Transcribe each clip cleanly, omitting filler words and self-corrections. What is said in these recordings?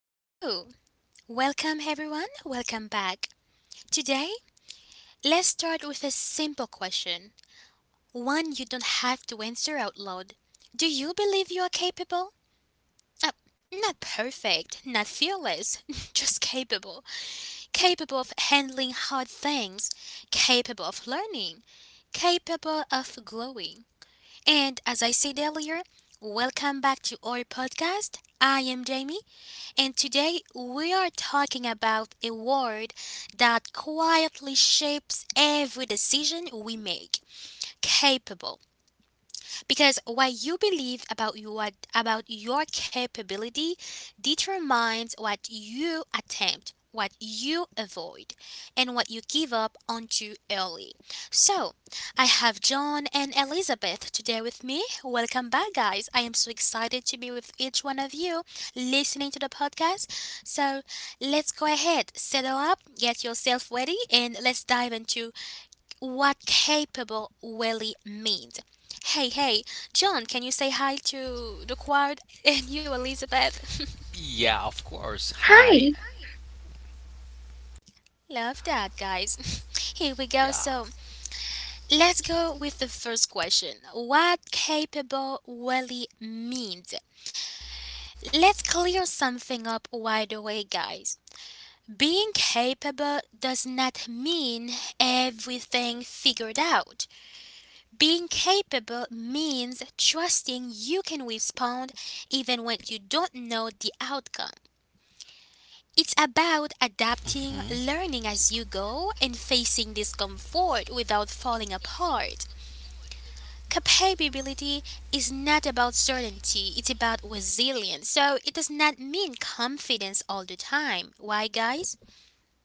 Hello! Welcome everyone, welcome back. Today, let's start with a simple question, one you don't have to answer out loud. Do you believe you are capable? Uh, Not perfect, not fearless, just capable. Capable of handling hard things, capable of learning, capable of growing. And as I said earlier, welcome back to our podcast. I am Jamie, and today we are talking about a word that quietly shapes every decision we make, capable, because what you believe about your capability determines what you attempt, what you avoid, and what you give up on too early. So, I have John and Elizabeth today with me. Welcome back, guys. I am so excited to be with each one of you listening to the podcast. So, let's go ahead, settle up, get yourself ready, and let's dive into what capable Willie means. Hey, John, can you say hi to the crowd and you, Elizabeth? Yeah, of course. Hi. Hi, Love that, guys. Here we go. Yeah. So let's go with the first question. What capable Willie means? Let's clear something up right away, guys. Being capable does not mean everything figured out. Being capable means trusting you can respond even when you don't know the outcome. Mhm. It's about adapting, learning as you go, and facing discomfort without falling apart. Capability is not about certainty, it's about resilience. So it does not mean confidence all the time. Why, guys? Absolutely. Yeah.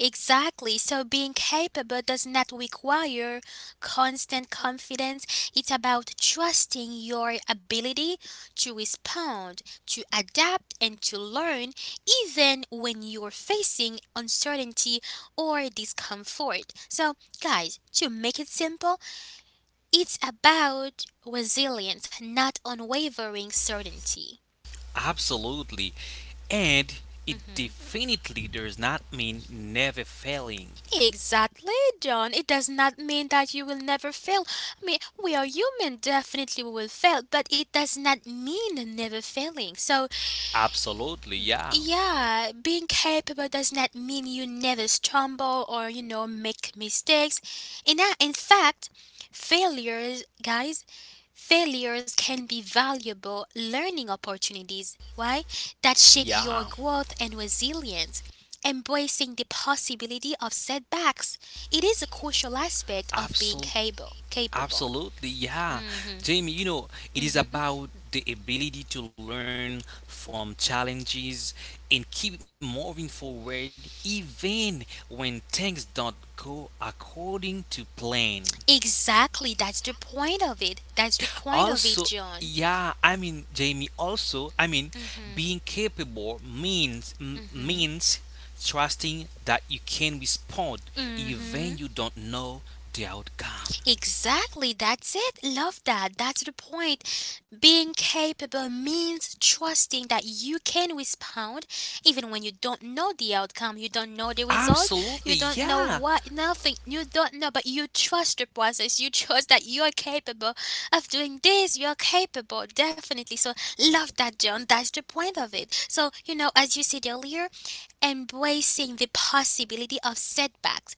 Exactly. So being capable does not require constant confidence. It's about trusting your ability to respond, to adapt, and to learn, even when you're facing uncertainty or discomfort. So, guys, to make it simple, it's about resilience, not unwavering certainty. Absolutely. And it definitely does not mean never failing. Exactly, John. It does not mean that you will never fail. I mean, we are human, definitely we will fail, but it does not mean never failing. So Absolutely. Yeah. yeah, being capable does not mean you never stumble or, you know, make mistakes. In fact, failures, guys, failures can be valuable learning opportunities. Why? That shape your Yeah. growth and resilience. Embracing the possibility of setbacks, it is a crucial aspect of being Absol- capable. Capable. absolutely. Yeah. Mhm. Jamie, you know, it is Mhm. about the ability to learn from challenges and keep moving forward even when things don't go according to plan. Exactly. That's the point of it, Also, John. yeah, I mean, Jamie, also, I mean, being capable means means trusting that you can respond even Mhm. you don't know the outcome. Exactly, that's it. Love that. That's the point. Being capable means trusting that you can respond even when you don't know the outcome, you don't know the result, Absolutely, you don't know yeah. what, nothing, you don't know, but you trust the process. You trust that you're capable of doing this. You're capable, definitely. So, love that, John. That's the point of it. So, you know, as you said earlier, embracing the possibility of setbacks,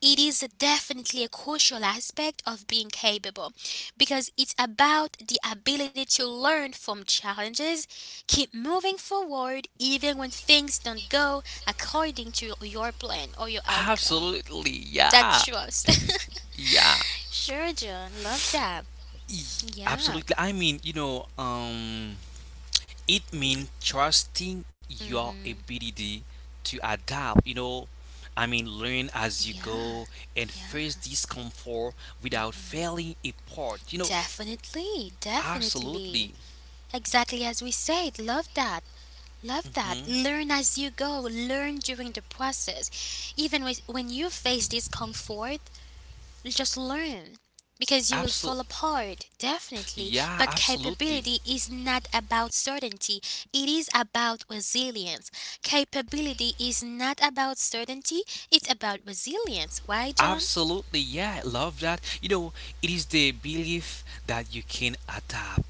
it is definitely a crucial aspect of being capable because it's about the ability to learn from challenges, keep moving forward even when things don't go according to your plan or your outcome. Absolutely, That's yeah. trust. Yeah. Sure, John. Love that. Yeah. Absolutely. I mean, you know, it means trusting your Mm-hmm. ability to adapt I mean learn as you Yeah, go and face yeah. discomfort without failing apart, you know? Definitely, Absolutely. definitely. Exactly as we said. Love that. Love hmm that. Learn as you go, learn during the process. Even with, when you face discomfort, just learn because you will Absolutely. fall apart, definitely. Yeah, But absolutely. capability is not about certainty, it is about resilience. Capability is not about certainty, it's about resilience. Why, John? Absolutely, yeah, I love that. You know, it is the belief that you can adapt,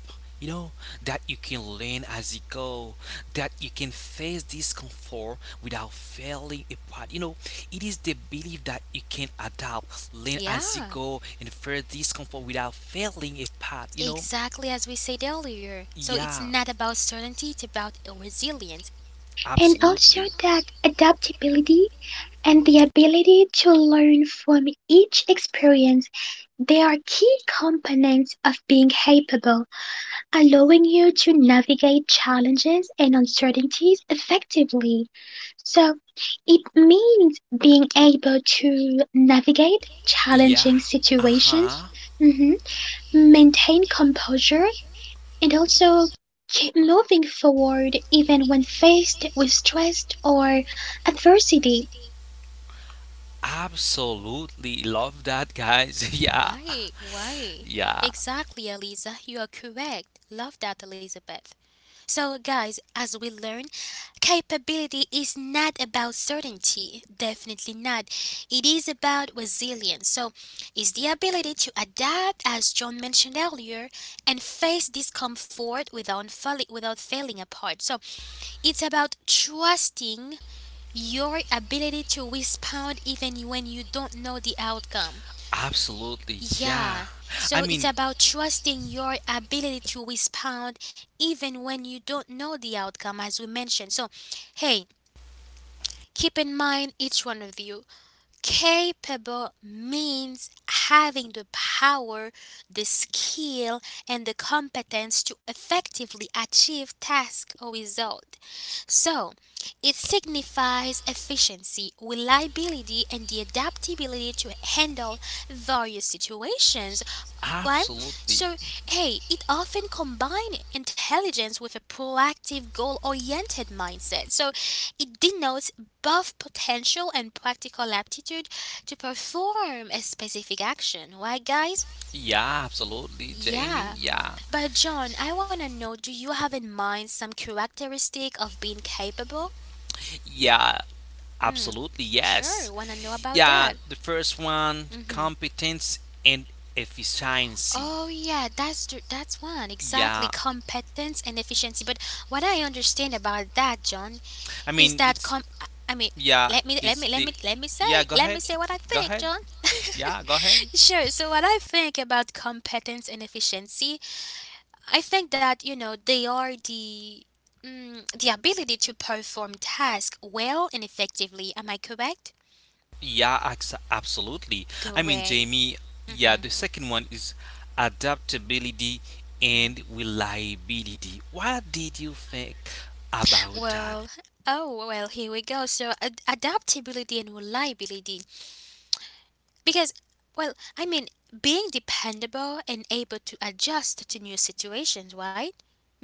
you know, that you can learn as you go, that you can face discomfort without failing apart. You know, it is the belief that you can adapt, learn as you Yeah. go, and face discomfort without failing apart, you know? Exactly as we said earlier. So it's Yeah, not about certainty, it's about resilience. and also absolutely. that adaptability and the ability to learn from each experience, they are key components of being capable, allowing you to navigate challenges and uncertainties effectively. So, it means being able to navigate challenging Yeah, uh situations, huh. mhm, maintain composure, and also keep moving forward even when faced with stress or adversity. Absolutely love that, guys. Yeah, Why? yeah, Exactly, Eliza. You are correct. Love that, Elizabeth. So, guys, as we learn, capability is not about certainty. Definitely not. It is about resilience. So, it's the ability to adapt, as John mentioned earlier, and face discomfort without, without falling apart. So, it's about trusting your ability to respond even when you don't know the outcome. absolutely, yeah. Yeah, I so it's mean, about trusting your ability to respond even when you don't know the outcome, as we mentioned. So, hey, keep in mind each one of you. Capable means having the power, the skill, and the competence to effectively achieve task or result. So, it signifies efficiency, reliability, and the adaptability to handle various situations, right? absolutely, So, hey, it often combines intelligence with a proactive, goal oriented mindset. So, it denotes both potential and practical aptitude to perform a specific action, right, guys? yeah, absolutely, Jamie. Yeah. Yeah, But, John, I want to know, do you have in mind some characteristic of being capable? yeah, Mm, absolutely, yes. sure, want to know about Yeah, that. the first one, Mm. Hmm. competence and efficiency. Oh yeah, that's one, exactly, Yeah, competence and efficiency. But what I understand about that, John, I is mean, that it's com. I mean, yeah, let me let it's me let the me yeah, go let me ahead, say what I go think, ahead, John. yeah, go ahead. Sure. So what I think about competence and efficiency, I think that you know they are the mm, the ability to perform tasks well and effectively. Am I correct? Yeah, absolutely. Go I mean, away. Jamie, yeah, Mm-hmm, the second one is adaptability mm-hmm. and reliability. What did you think about that? Well, oh well, here we go. So adaptability and reliability. Because, well, I mean, being dependable and able to adjust to new situations, right?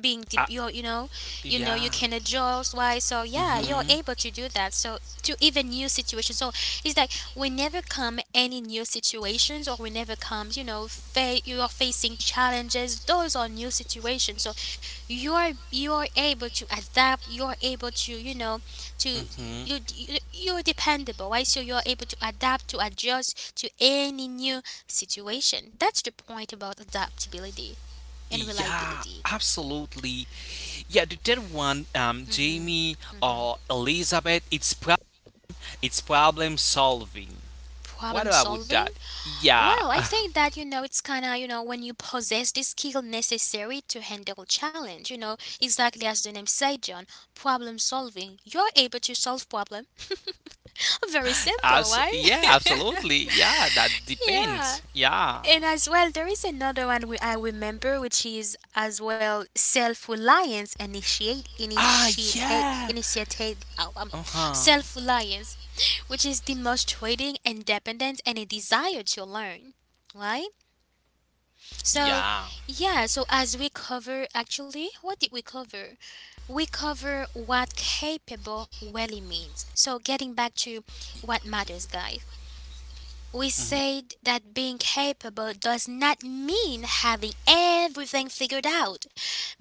Being Uh, deep, you know, you know you yeah. can adjust, why? So yeah, you're Mm-hmm. able to do that. So to even new situations. So it's like whenever come any new situations, or whenever comes, you know, you are facing challenges. Those are new situations. So you are able to adapt. You are able to you know to Mm-hmm. you, you're dependable, right? So you're able to adapt, to adjust to any new situation. That's the point about adaptability and Yeah, reliability. absolutely. Yeah, the third one, Jamie or Elizabeth, it's it's problem solving. Problem What about solving, that? Yeah, well, I think that, you know, it's kind of, you know, when you possess the skill necessary to handle challenge, you know, exactly as the name said, John, problem solving, you're able to solve problem. Very simple, right? yeah, absolutely. Yeah, that Yeah. depends. Yeah. And as well, there is another one we, I remember, which is as well self-reliance, initiate Ah, initiate yeah. initiate Uh huh. self-reliance, which is demonstrating independence and a desire to learn, right? So, Yeah. yeah. So as we cover, actually, what did we cover? We cover what capable really means. So getting back to what matters, guys. We said that being capable does not mean having everything figured out.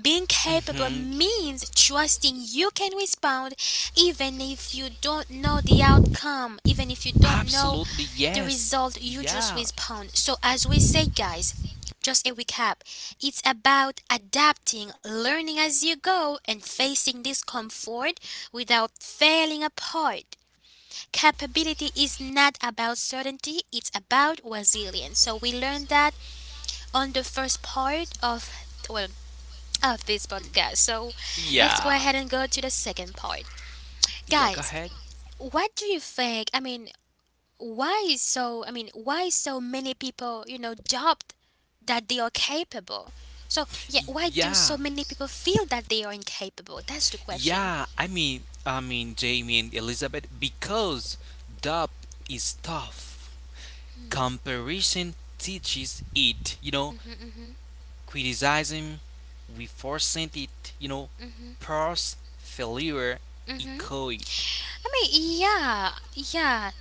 Being capable means trusting you can respond even if you don't know the outcome, even if you don't Absolutely. know Yes. the result, you Yeah. just respond. So, as we say, guys, just a recap, it's about adapting, learning as you go, and facing discomfort without failing apart. Capability is not about certainty, it's about resilience. So we learned that on the first part of, well, of this podcast. So let's Yeah. go ahead and go to the second part. Yeah, go Guys, ahead. what do you think? I mean, why is so I mean, why so many people, you know, doubt that they are capable? So, yeah, why do Yeah, so many people feel that they are incapable? That's the question. yeah. I mean, Jamie and Elizabeth, because dub is tough. Comparison teaches it. You know, criticism, we forcent it. You know, pros failure, Mm-hmm. echo it. I mean, yeah.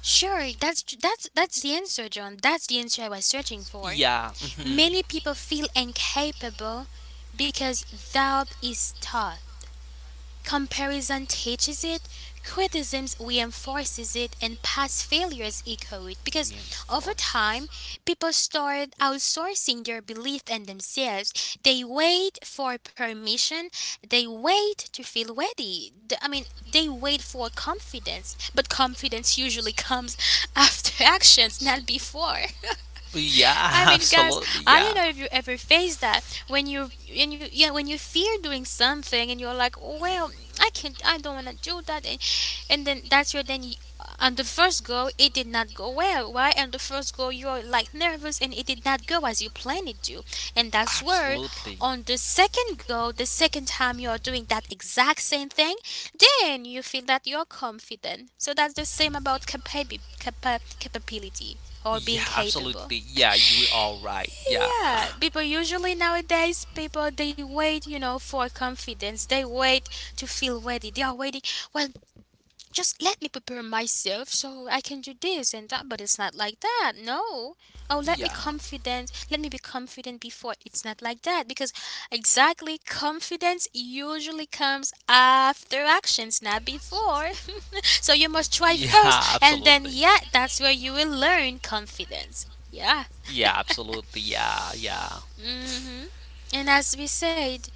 Sure, that's the answer, John. That's the answer I was searching for. Yeah. hmm Many people feel incapable because doubt is tough. Comparison teaches it, criticism reinforces it, and past failures echo it. Because over time, Reinforces. people start outsourcing their belief in themselves. They wait for permission, they wait to feel ready. I mean, they wait for confidence, but confidence usually comes after actions, not before. Yeah, I mean, guys, absolutely. I don't Yeah. know if you ever faced that when you and you yeah when you fear doing something and you're like, "Oh, well, I can't, I don't want to do that," and then that's your then. You, on the first go, it did not go well. Why? On the first go, you're like nervous, and it did not go as you planned it to. And that's where, Absolutely. on the second go, the second time you're doing that exact same thing, then you feel that you're confident. So that's the same about capability or being Yeah, capable. absolutely. Yeah, you are right. Yeah. Yeah, people usually nowadays people they wait, you know, for confidence. They wait to feel ready. They are waiting. Well, just let me prepare myself so I can do this and that. But it's not like that. No. Oh, let me Yeah. confident. Let me be confident before. It's not like that because exactly confidence usually comes after actions, not before. So you Yeah, must try first, absolutely. and then yeah, that's where you will learn confidence. Yeah, Yeah. absolutely. Yeah, yeah. Hmm. And as we said,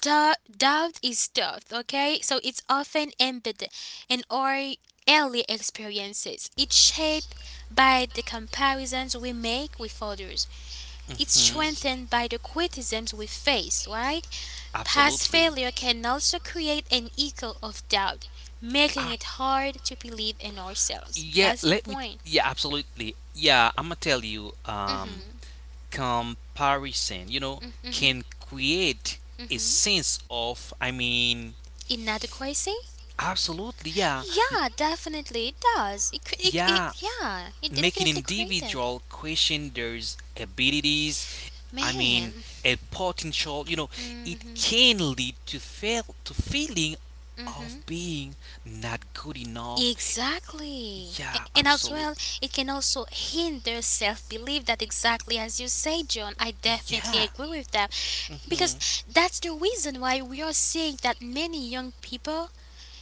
doubt is tough, okay? So it's often embedded in our early experiences. It's shaped by the comparisons we make with others. It's Hmm. strengthened by the criticisms we face, right? Past Absolutely. failure can also create an echo of doubt, making Ah. it hard to believe in ourselves. Yeah. That's the Let me. point. Yeah. Absolutely. Yeah. I'm gonna tell you. Hmm. Comparison. You know, Hmm. can create a Hmm. sense of. I mean. Inadequacy? Absolutely. Yeah. Yeah, definitely it does. It, cre- it, Yeah. it yeah, it Make an definitely created. individual question their abilities. I mean, Man. a potential, you know, it Mhm. can lead to fail to feeling of Mhm. being not good enough. Exactly. Yeah, And as well, absolutely. it can also hinder self-belief, that exactly as you say, John. I definitely Yeah. agree with that because Mhm. that's the reason why we are seeing that many young people,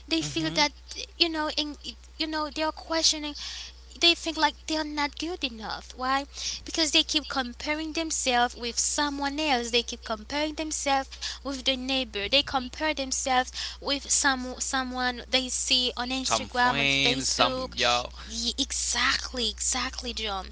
they feel Mhm. that you know, in, you know, they are questioning, they think like they're not good enough. Why? Because they keep comparing themselves with someone else. They keep comparing themselves with their neighbor. They compare themselves with someone they see on Some Instagram, on friends, some yeah, Facebook. Exactly, exactly, John.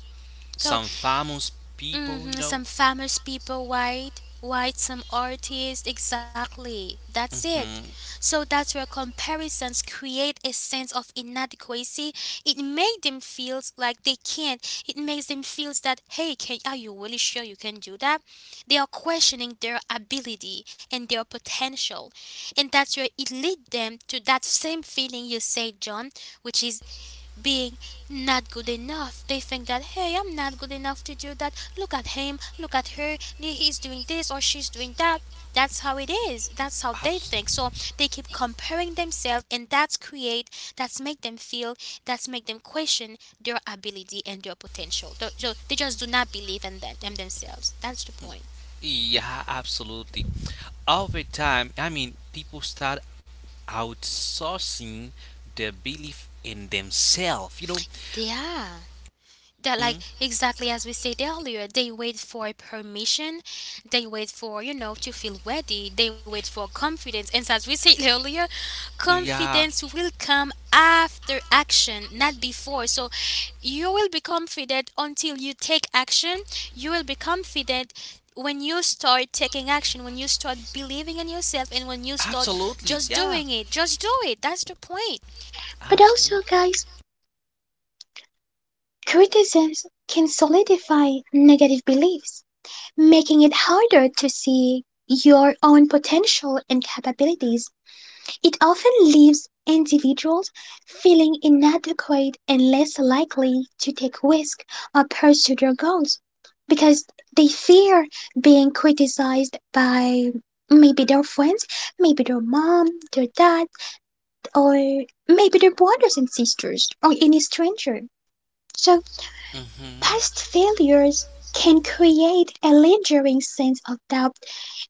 So some famous people, hmm you know. some famous people some artists, exactly. That's it. Hmm So that's where comparisons create a sense of inadequacy. It makes them feel like they can't. It makes them feel that, hey, are you really sure you can do that? They are questioning their ability and their potential. And that's where it leads them to that same feeling you say, John, which is being not good enough. They think that, hey, I'm not good enough to do that. Look at him, look at her. He's doing this or she's doing that. That's how it is. That's how they Abs- think. So they keep comparing themselves, and that's make them feel, that's make them question their ability and their potential. So they just do not believe in themselves. That's the point. yeah, absolutely. Over time, I mean, people start outsourcing their belief in themselves. You know, Yeah, that Mm, like exactly as we said earlier, they wait for permission, they wait for to feel ready, they wait for confidence, and as we said earlier, yeah, confidence will come after action, not before. So you will be confident until you take action. You will be confident when you start taking action, when you start believing in yourself, and when you start absolutely, just yeah, doing it. Just do it. That's the point. But also, absolutely. guys, criticisms can solidify negative beliefs, making it harder to see your own potential and capabilities. It often leaves individuals feeling inadequate and less likely to take risks or pursue their goals because they fear being criticized by maybe their friends, maybe their mom, their dad, or maybe their brothers and sisters, or any stranger. So, Mm-hmm. past failures can create a lingering sense of doubt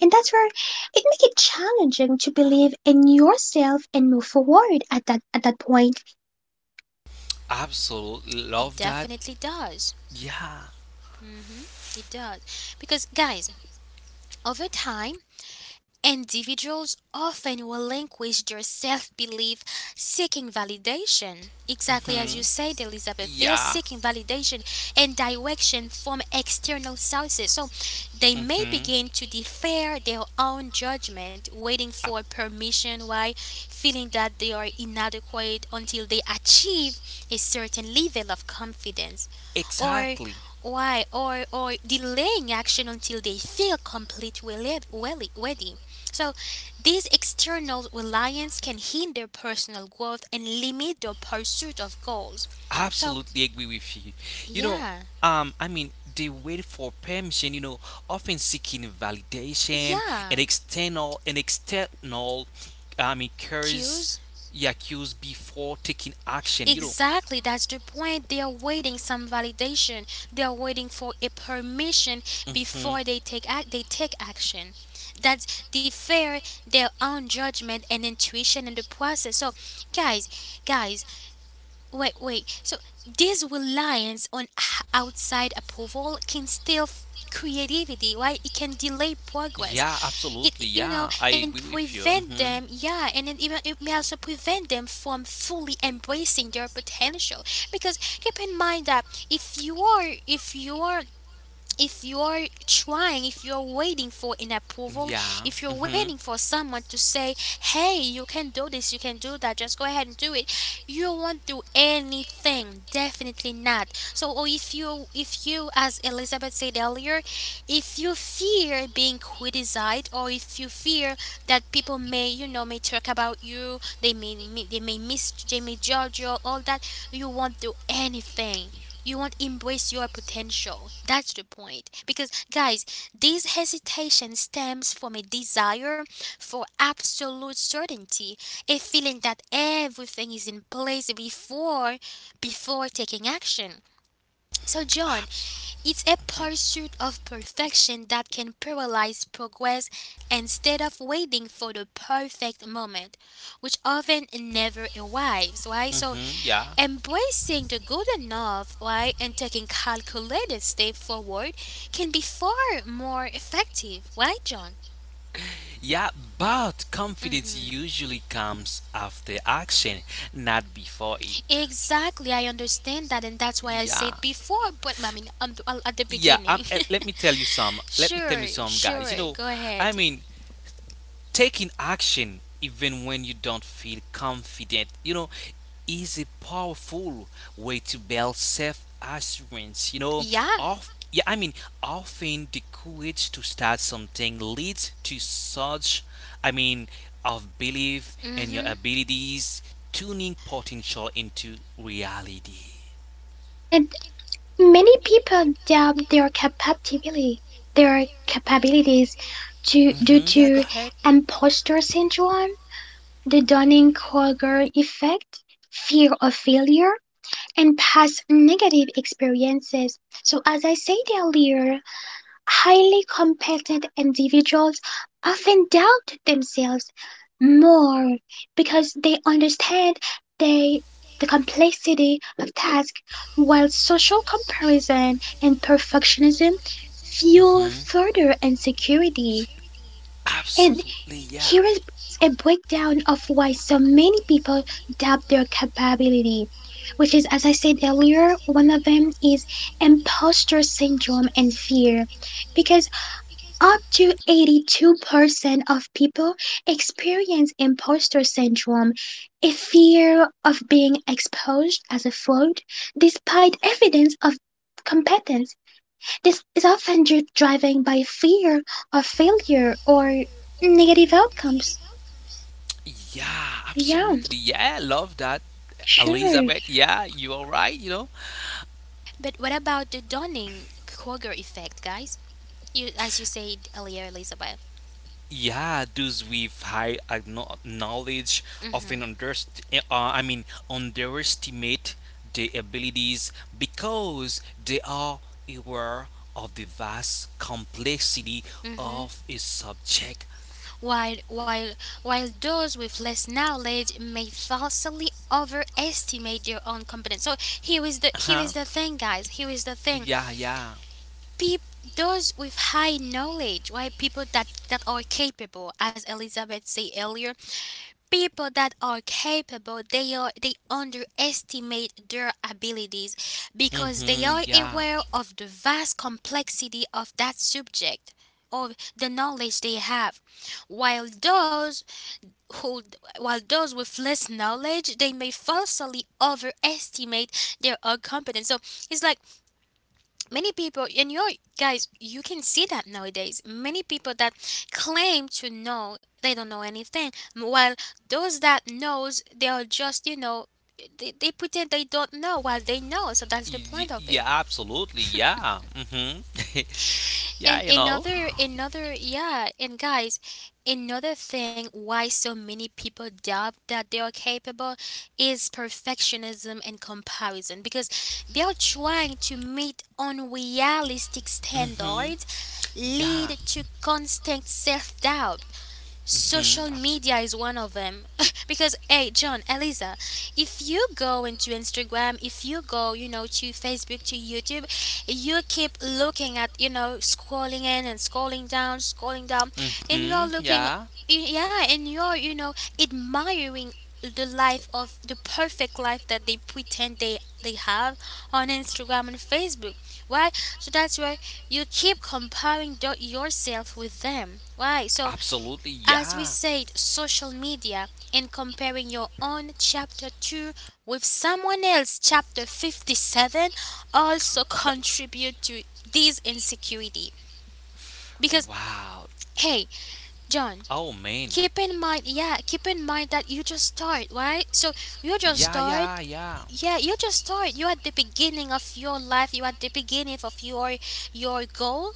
and that's where it make it challenging to believe in yourself and move forward at that point. Absolutely It love that. definitely does. Yeah. Hmm, it does because, guys, over time, individuals often will relinquish their self belief, seeking validation. Exactly as Mm-hmm. you said, Elizabeth, they're Yeah. seeking validation and direction from external sources. So they may Mm-hmm. begin to defer their own judgment, waiting for Ab- permission, why feeling that they are inadequate until they achieve a certain level of confidence. Or Exactly. why or delaying action until they feel complete, well, ready. So this external reliance can hinder personal growth and limit the pursuit of goals. So, Absolutely agree with you. You know, yeah, I mean, they wait for permission. You know, often seeking validation yeah, and external, I mean, curse, cues. yeah, cues before taking action. You know, Exactly, that's the point. They are waiting some validation. They are waiting for a permission hmm before they take action. That's defer their own judgment and intuition in the process. So, guys, guys, wait, wait. So this reliance on outside approval can still creativity, right? It can delay progress. Yeah, It, absolutely. it- you Yeah, know, I and agree with you. prevent Hmm them. Yeah, and it may also prevent them from fully embracing their potential. Because keep in mind that if you are, if you're trying, if you're waiting for an approval, Yeah. if you're waiting hmm for someone to say, hey, you can do this, you can do that, just go ahead and do it, you won't do anything. Definitely not. So, or if you as Elizabeth said earlier, if you fear being criticized or if you fear that people may, you know, may talk about you, they may judge you, all that, you won't do anything, you won't embrace your potential. That's the point. Because, guys, this hesitation stems from a desire for absolute certainty, a feeling that everything is in place before taking action. So, John, Abs- it's a pursuit of perfection that can paralyze progress instead of waiting for the perfect moment, which often never arrives, right? Mhm, So, so yeah. embracing the good enough, right, and taking calculated step forward can be far more effective, right, John? Yeah, but confidence Hmm. usually comes after action, not before it. Exactly, I understand that, and that's why I Yeah. said before, but I mean, well, at the Yeah, beginning. Let me tell you some. Let me tell Sure, you some, guys. sure, You know, go I ahead. mean, taking action even when you don't feel confident, you know, is a powerful way to build self-assurance. You know, Yeah. of yeah, I mean, often the courage to start something leads to such, I mean, of belief Mm-hmm. in your abilities, turning potential into reality. And many people doubt their capability, their capabilities to due Hmm to Yeah, go ahead. imposter syndrome, the Dunning-Kruger effect, fear of failure, and past negative experiences. So as I said earlier, highly competent individuals often doubt themselves more because they understand they, the complexity of tasks, while social comparison and perfectionism fuel Hmm further insecurity. And Absolutely, yeah. here is a breakdown of why so many people doubt their capability, which is, as I said earlier, one of them is imposter syndrome and fear. Because up to 82% of people experience imposter syndrome, a fear of being exposed as a fraud despite evidence of competence. This is often driven by fear of failure or negative outcomes. Yeah, Yeah, absolutely. Yeah, I love that, sure. Elizabeth. Yeah, you are right, you know. But what about the Dunning Kruger effect, guys? You, as you said earlier, Elizabeth. Yeah, those with high knowledge often I mean, underestimate their abilities because they are aware of the vast complexity Mm-hmm. of a subject. While, while, while those with less knowledge may falsely overestimate their own competence. So here is Huh? the thing, guys. Here is the thing. Yeah, yeah. Peop, those with high knowledge, why people that are capable, as Elizabeth said earlier, people that are capable, they underestimate their abilities because they are Mm-hmm. Yeah. aware of the vast complexity of that subject, of the knowledge they have, while who, while those with less knowledge, they may falsely overestimate their own competence. So it's like many people, and you guys, you can see that nowadays. Many people that claim to know, they don't know anything, while those that knows, they are just, you know, they pretend they don't know while they know. So that's the point of it. Yeah, absolutely. Yeah. Mm-hmm. And Yeah, you know. Guys, another thing why so many people doubt that they are capable is perfectionism and comparison, because they are trying to meet unrealistic standards, Mm-hmm. lead Yeah. to constant self doubt. Social Mhm, media is one of them. Because, hey, John, Eliza, if you go into Instagram, if you go, you know, to Facebook, to YouTube, you keep looking at, you know, scrolling in and scrolling down, and you are mhm, looking, yeah. yeah, and you are, you know, admiring the perfect life that they pretend they have on Instagram and Facebook. Why? So that's why you keep comparing yourself with them. Why? So, Absolutely, as we yeah. said, social media, and comparing your own chapter 2 with someone else chapter 57 also Th- contribute to this insecurity. Because Wow. hey, John, Oh man. keep in mind, yeah, keep in mind that you just start, right? So you just Yeah, start yeah, yeah. yeah, you just start. You're at the beginning of your life. You're at the beginning of your goal,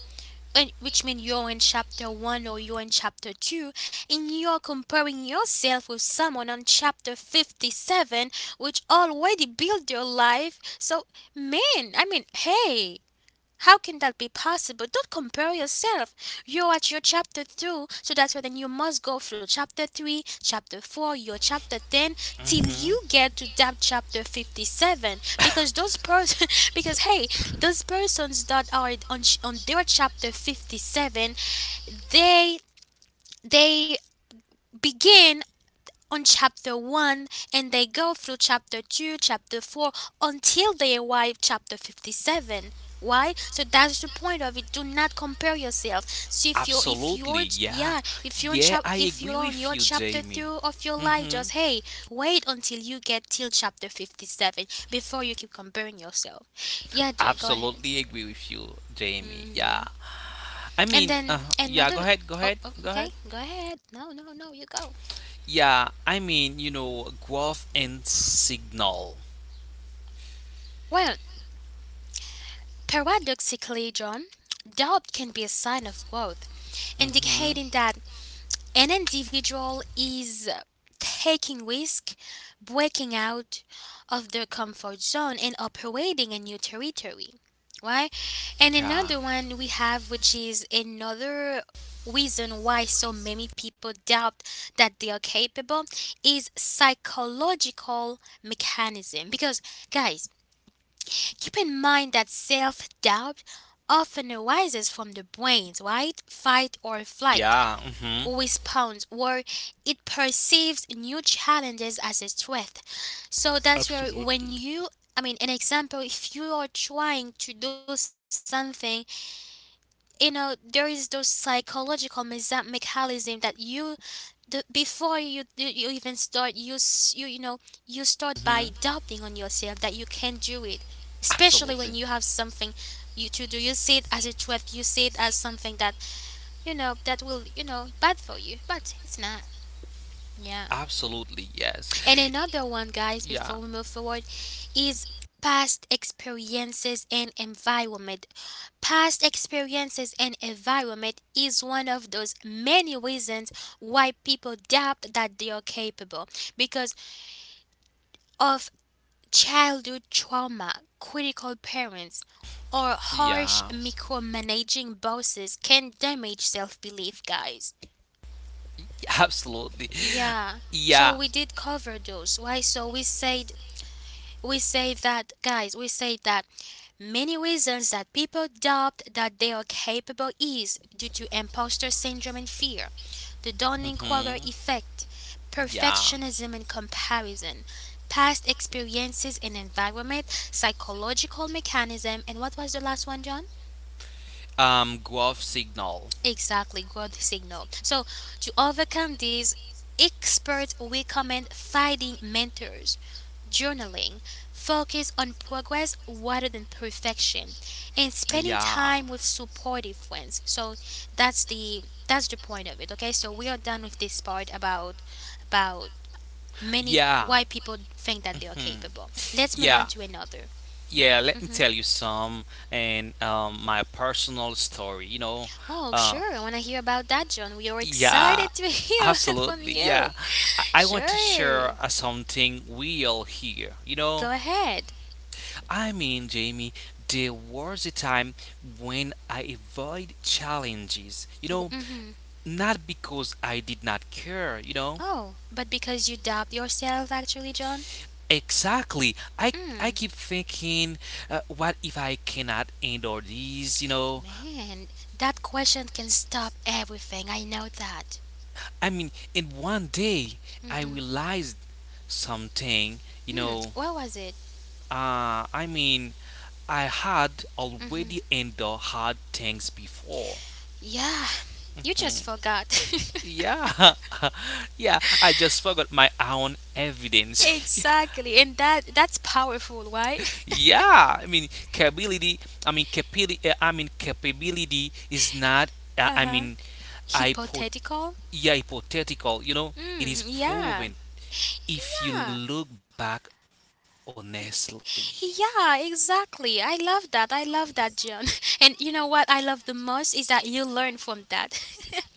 and which means you're in chapter one or you're in chapter two, and you're comparing yourself with someone on chapter 57, which already built your life. So, man, I mean, hey, how can that be possible? Don't compare yourself. You're at your chapter 2, so that's why then you must go through chapter 3, chapter 4, your chapter 10, till you Mm-hmm. get to that chapter 57. Because those person, because hey, those persons that are on, on their chapter 57, they, they begin on chapter 1 and they go through chapter 2, chapter 4 until they arrive chapter 57. Why? So that's the point of it. Do not compare yourself. So if Absolutely, you're yeah. yeah, if you're on Yeah, chap I if agree you're on with your you, chapter Jamie. through of your life, Mm-hmm. just hey, wait until you get till chapter 57 before you keep comparing yourself. Yeah, John, go ahead. Absolutely agree with you, Jamie. Yeah. Hmm. I And mean, then yeah, another. Oh, oh, go okay. ahead. Go ahead. No, no, no. You go. Yeah, I mean, you know, growth and signal. Well, paradoxically, John, doubt can be a sign of growth, indicating Mm-hmm. that an individual is taking risk, breaking out of their comfort zone and operating a new territory. Right? And Yeah. another one we have, which is another reason why so many people doubt that they are capable, is psychological mechanism, because, guys, keep in mind that self doubt often arises from the brain's fight or flight Yeah. Mm-hmm. response, where it perceives new challenges as a threat. So that's where when you, I mean, an example, if you are trying to do something, you know, there is those psychological mechanism that you the before you even start, you know, you start by Mm-hmm. doubting on yourself that you can do it, especially when you Absolutely. have something you to do, you see it as a threat, you see it as something that, you know, that will, you know, bad for you, but it's not. Yeah. Absolutely. Yes. And another one, guys, Yeah. before we move forward, is past experiences and environment. Past experiences and environment is one of those many reasons why people doubt that they are capable, because of childhood trauma, critical parents, or harsh Yeah. micromanaging bosses can damage self belief, guys. Absolutely. Yeah. So Yeah. we did cover those. Why? So we said, we say that guys. We say that Many reasons that people doubt that they are capable is due to imposter syndrome and fear, the Dunning-Kruger Mm-hmm. effect, Yeah. perfectionism and comparison, past experiences and environment, psychological mechanism, and what was the last one, John? Growth signal. Exactly, growth signal. So, to overcome these, experts recommend finding mentors, journaling, focus on progress rather than perfection, and spending Yeah. time with supportive friends. So that's the point of it. Okay, so we are done with this part about about many Yeah. why people think that they are Hmm. capable. Let's move Yeah. on to another. Yeah. Let me Mm-hmm. tell you some and my personal story. You know. Oh, Uh, sure. I want to hear about that, John. We are yeah. excited to hear from Absolutely. you. Yeah. I want to Sure. share something real here. You know. Go ahead. I mean, Jamie, there was a time when I avoid challenges, you know, Mm-hmm. not because I did not care, you know. Oh, but because you doubt yourself, actually, John? Exactly. I Hmm. keep thinking, what if I cannot endure these, you know? Man, that question can stop everything. I know that. I mean, in one day I realized something, you Hmm. know. What was it? I mean, I had already endured hard things before. Yeah, you just Hmm. forgot. Yeah, yeah. I just forgot my own evidence. Exactly. And that's powerful, right? Yeah, I mean capability. I mean capability is not. Uh, Uh I huh. mean, hypo, Hypothetical? yeah, hypothetical. You know, it Mm, is yeah. proven if you Yeah. look back honestly. Yeah, exactly. I love that. I love that, John. And you know what I love the most is that you learn from that.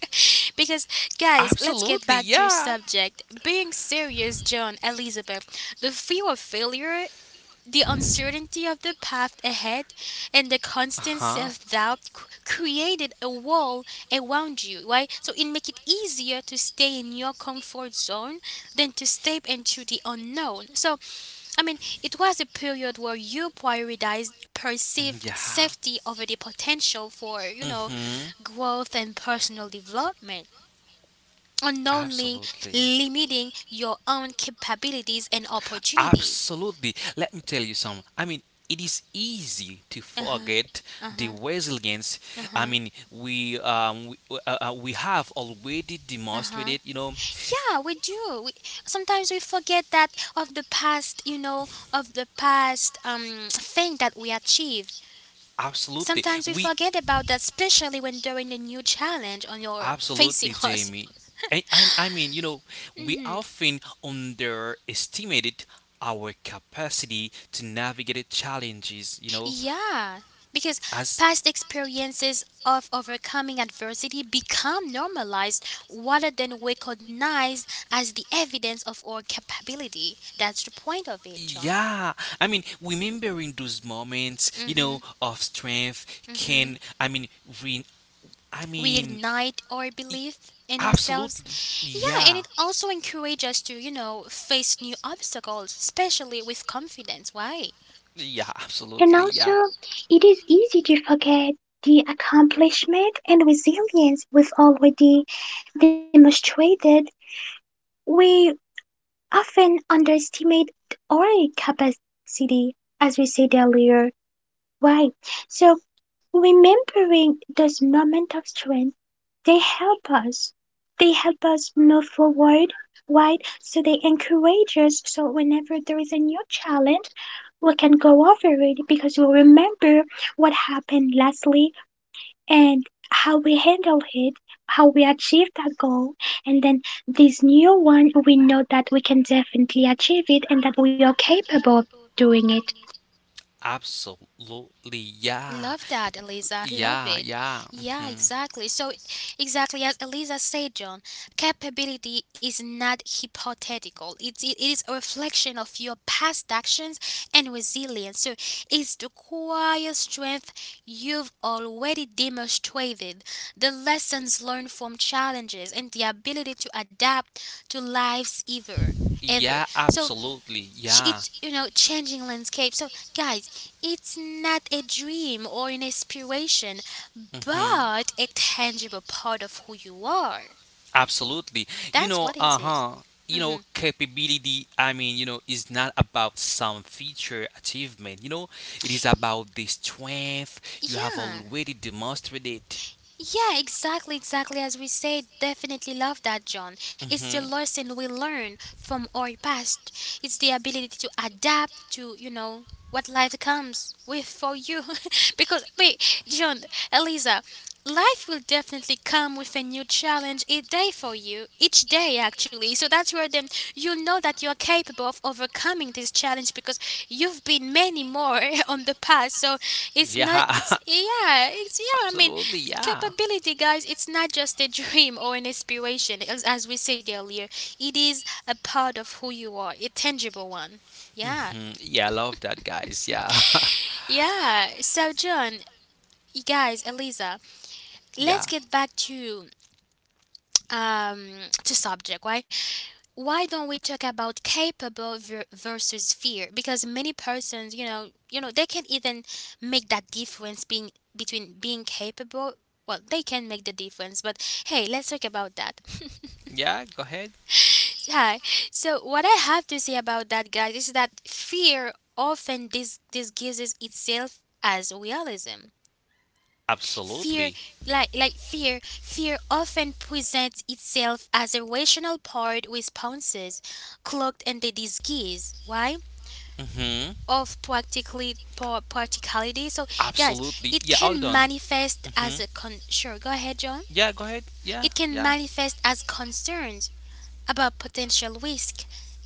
Because, guys, let's get Absolutely, back to yeah. subject. Being serious, John, Elizabeth, the fear of failure, the uncertainty of the path ahead, and the constant Huh? self-doubt created a wall around you, right? So it make it easier to stay in your comfort zone than to step into the unknown. So it was a period where you prioritized perceived Yeah. safety over the potential for, Mm-hmm. growth and personal development, unknowingly Absolutely. limiting your own capabilities and opportunities. Absolutely. Let me tell you some. I mean, it is easy to Uh huh, forget uh the huh, resilience. uh I huh. mean, we have already Uh-huh. demonstrated. You know, Yeah, we do. Sometimes we forget that of the past, you know, of the past thing that we achieve. absolutely. Sometimes we We forget about that, especially when during the new challenge on your absolutely, facing us. Jamie. I mean, you know, we Hmm. often underestimated our capacity to navigate challenges. You know, Yeah, because as past experiences of overcoming adversity become normalized rather than recognized as the evidence of our capability. That's the point of it, John. yeah, I mean, remembering those moments, you Mm-hmm. know, of strength Mm-hmm. can, I mean, re, I We mean, ignite our i- belief in absolutely, ourselves. Yeah, and yeah, it also encourages us to, you know, face new obstacles, especially with confidence. Why? yeah, And absolutely, also, yeah, it is easy to forget the accomplishment and resilience we've already demonstrated. We often underestimate our capacity, as we said earlier, right? So remembering those moments of strength, they help us. They help us move forward, right? So they encourage us. So whenever there is a new challenge, we can go over it because we remember what happened lastly and how we handle it, how we achieve that goal, and then this new one, we know that we can definitely achieve it and that we are capable of doing it. absolutely, yeah, Love that, Eliza. Love yeah, it. yeah. Yeah, mhm. exactly. So, exactly as Eliza said, John, capability is not hypothetical. It is a reflection of your past actions and resilience. So, it's the quiet strength you've already demonstrated, the lessons learned from challenges, and the ability to adapt to life's ever. Yeah, So absolutely. Yeah. it's, you know, changing landscape. So guys, it's not a dream or an aspiration, hmm but a tangible part of who you are. Absolutely. You That's know, what it is. uh-huh. You Mhm. know, capability, I mean, you know, is not about some feature achievement. You know, it is about the strength you have Yeah. already demonstrated. Yeah, exactly, exactly. As we said, definitely love that, John. It's the Hmm lesson we learn from our past. It's the ability to adapt to, you know, what life comes with for you. Because, wait, John, Eliza, life will definitely come with a new challenge each day for you, each day actually. So that's where then you know that you are capable of overcoming this challenge because you've been many more on the past. So it's not, Yeah, it's, yeah, I mean, absolutely. Yeah. Capability, guys, it's not just a dream or an aspiration, as we said earlier. It is a part of who you are, a tangible one. Yeah. hmm Yeah, I love that, guys. Yeah. Yeah. So, John, you guys, Eliza, let's Yeah. get back um to subject. Why? Why don't we talk about capable versus fear? Because many persons, you know, they can't even make that difference being between being capable. Well, they can make the difference, but hey, let's talk about that. Yeah, go ahead. Hi. So what I have to say about that, guys, is that fear often disguises itself as realism. Fear, Absolutely. Like fear, fear often presents itself as a rational part responses, cloaked in the disguise. Why? Mm-hmm. Of practicality. So, guys, Absolutely. Yeah, it all can done. manifest Mm-hmm. as a con. Sure, go ahead, John. Yeah, go ahead. Yeah, It yeah. can manifest as concerns about potential risk,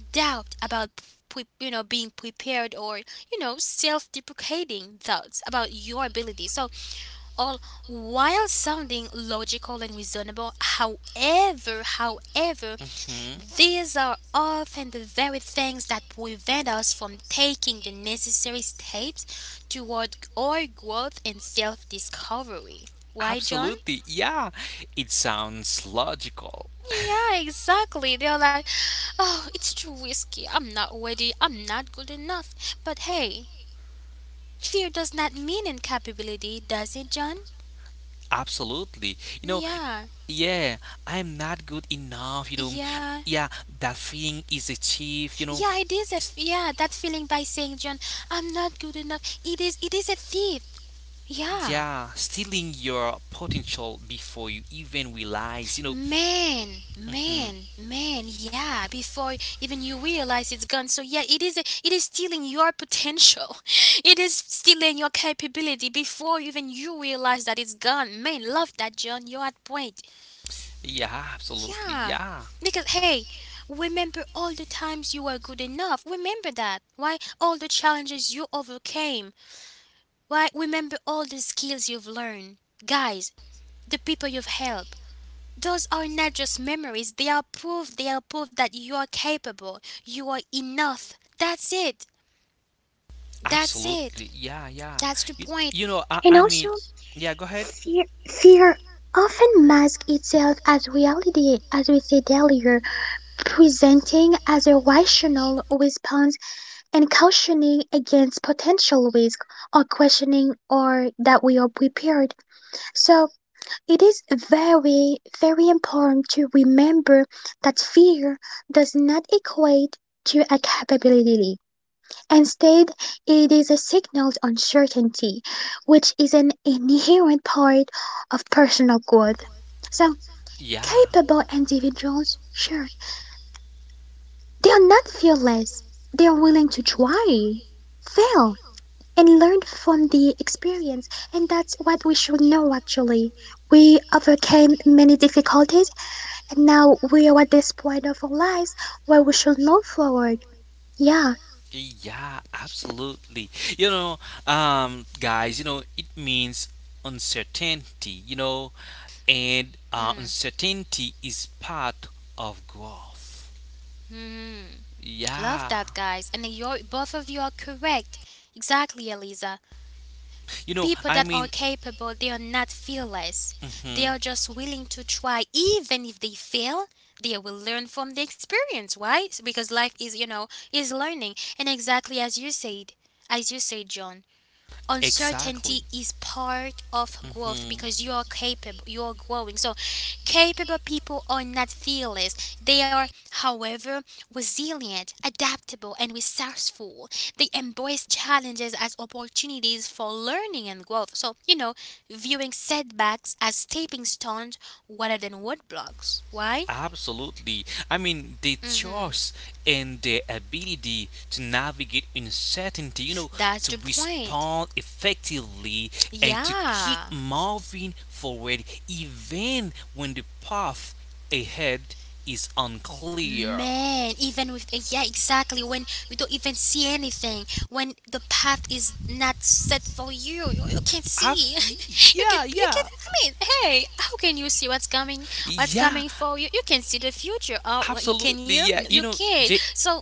doubt about you know being prepared, or you know self-deprecating thoughts about your ability. So all while sounding logical and reasonable, however, Mm-hmm. these are often the very things that prevent us from taking the necessary steps toward our growth and self-discovery. Why, John? Absolutely, yeah. It sounds logical. Yeah, exactly. They're like, oh, it's too risky. I'm not ready. I'm not good enough. But hey, fear does not mean incapability, does it, John? Absolutely. You know, Yeah. yeah, I'm not good enough, you know. Yeah. Yeah, that feeling is achieved, you know. Yeah, it is a It's- that feeling by saying, John, I'm not good enough. It is a thief. Yeah. Yeah, stealing your potential before you even realize, you know. Man, Mhm, man, man, yeah, before even you realize it's gone. So yeah, it is stealing your potential. It is stealing your capability before even you realize that it's gone. Man, love that John, you're at point. yeah, absolutely. Yeah. Yeah, Because hey, remember all the times you were good enough. Remember that. Why all the challenges you overcame. Why remember all the skills you've learned. Guys, the people you've helped. Those are not just memories, they are proof that you are capable, you are enough. That's it. That's it. absolutely. Yeah, yeah. That's the point. And I also, mean, yeah, go ahead. fear often masks itself as reality, as we said earlier, presenting as a rational response and cautioning against potential risk or questioning or that we are prepared. So, it is very, very important to remember that fear does not equate to a capability. Instead, it is a signal of uncertainty, which is an inherent part of personal growth. So, Yeah, capable individuals, sure, they are not fearless, they are willing to try, fail, and learn from the experience, and that's what we should know actually. We overcame many difficulties and now we are at this point of our lives where we should move forward, yeah, yeah, absolutely. You know, guys, you know, it means uncertainty, you know, and uncertainty is part of growth. Mm-hmm. Love Yeah. that, guys. And you're, both of you are correct. Exactly, Eliza. You know, People I that are mean, capable, they are not fearless. They hmm are just willing to try, even if they fail. They will learn from the experience, right? Because life is, you know, is learning. And exactly as you said, John, uncertainty exactly. is part of growth hmm because you are capable, you are growing. So capable people are not fearless, they are however resilient, adaptable and resourceful. They embrace challenges as opportunities for learning and growth, so you know, viewing setbacks as stepping stones rather than roadblocks. Why? Absolutely. I mean, the Mm-hmm. choice and the ability to navigate uncertainty, you know, That's to the point. respond effectively and to keep Yeah. moving forward even when the path ahead is unclear. Man, even with yeah, exactly. When we don't even see anything, when the path is not set for you, you can't see. Absolutely. Yeah, you can. yeah. I mean, hey, how can you see what's coming? What's Yeah, coming for you? You can see the future. Oh, what you can absolutely. you? Yeah, No, you you know, can't. So,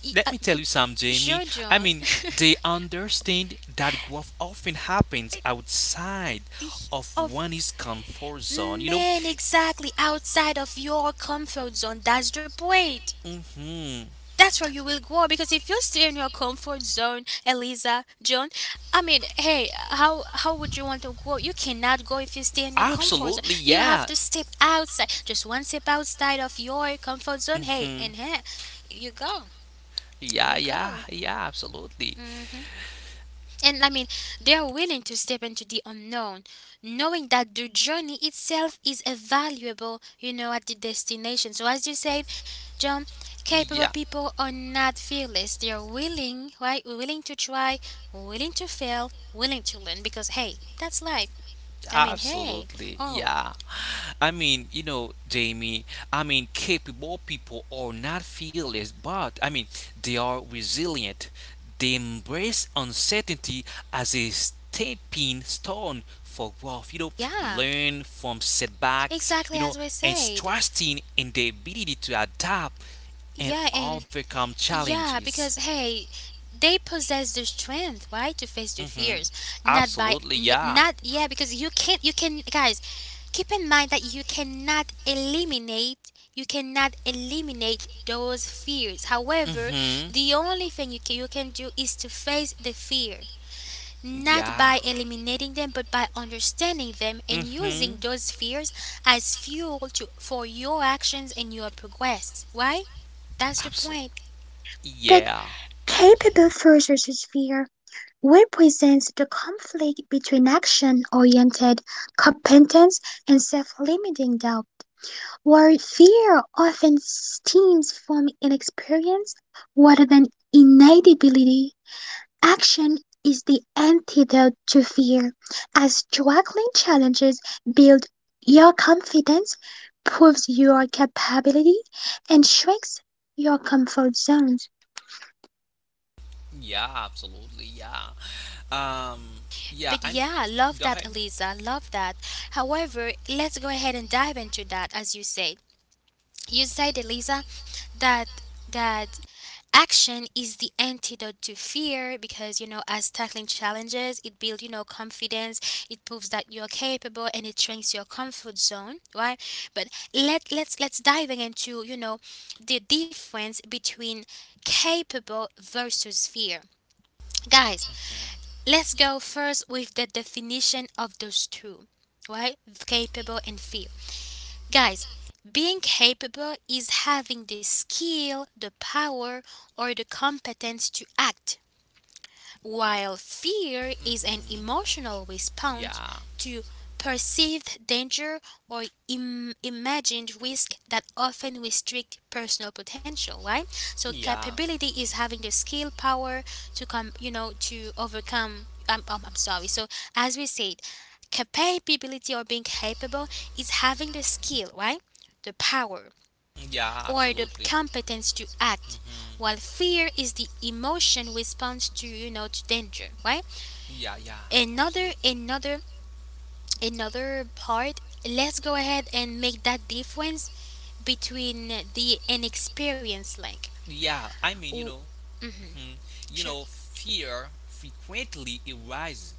y- uh, let me tell you some, Jamie. I Jojo, mean, they understand that growth often happens outside of of one's comfort zone. You know, man, exactly outside of your comfort zone. That's the point. hmm That's where you will grow, because if you stay in your comfort zone, Eliza, John, I mean hey, how would you want to grow? You cannot grow if you stay in your comfort zone. absolutely. You have Yeah. to step outside, just one step outside of your comfort zone. Hey, hmm and here you go. Here Yeah, you yeah, go. yeah, absolutely. Mm-hmm. And I mean, they are willing to step into the unknown, knowing that the journey itself is a valuable, you know, at the destination. So, as you said, John, capable Yeah. people are not fearless. They are willing, right? Willing to try, willing to fail, willing to learn because, hey, that's life. I mean, hey, Absolutely, oh, yeah. I mean, you know, Jamie, I mean, capable people are not fearless, but I mean, they are resilient. They embrace uncertainty as a stepping stone for growth. You know, yeah, learn from setbacks, exactly you know, as we and said. trusting in the ability to adapt and Yeah, and overcome yeah, challenges. because hey, they possess the strength, right, to face their Hmm fears. Not by Absolutely, yeah. not yeah, because you can't you can guys, keep in mind that you cannot eliminate those fears. However, the only thing you can do is to face the fear, not Yeah. by eliminating them, but by understanding them and using Mm-hmm. those fears as fuel to for your actions and your progress. Why? That's the point. Absolutely. but Yeah. capable versus fear represents the conflict between action oriented competence and self limiting doubt, where fear often stems from inexperience rather than innate ability. Action is the antidote to fear, as juggling challenges builds your confidence, proves your capability, and shrinks your comfort zones. Yeah. Absolutely. Yeah. Um. Yeah. But I'm. yeah, love Go that, ahead. Eliza. Love that. However, let's go ahead and dive into that, as you say. You said, Eliza, that that action is the antidote to fear, because you know as tackling challenges, it builds you know confidence, it proves that you're capable, and it shrinks your comfort zone, right? But let's diving into, you know, the difference between capable versus fear, guys. Let's go first with the definition of those two, right? Capable and feel. Guys, being capable is having the skill, the power, or the competence to act, while fear is an Mm-hmm. emotional response Yeah. to perceived danger or imagined risk that often restrict personal potential, right? So Yeah. capability is having the skill, power to come, you know, to overcome. I'm sorry. So as we said, capability or being capable is having the skill, right? The power Yeah. or the Absolutely. competence to act, Mm-hmm. while fear is the emotion response to you know to danger, right? Yeah. Yeah. Another Absolutely. another another part, let's go ahead and make that difference between the inexperienced like Yeah. I mean, oh you know. Hmm You sure know, fear frequently arises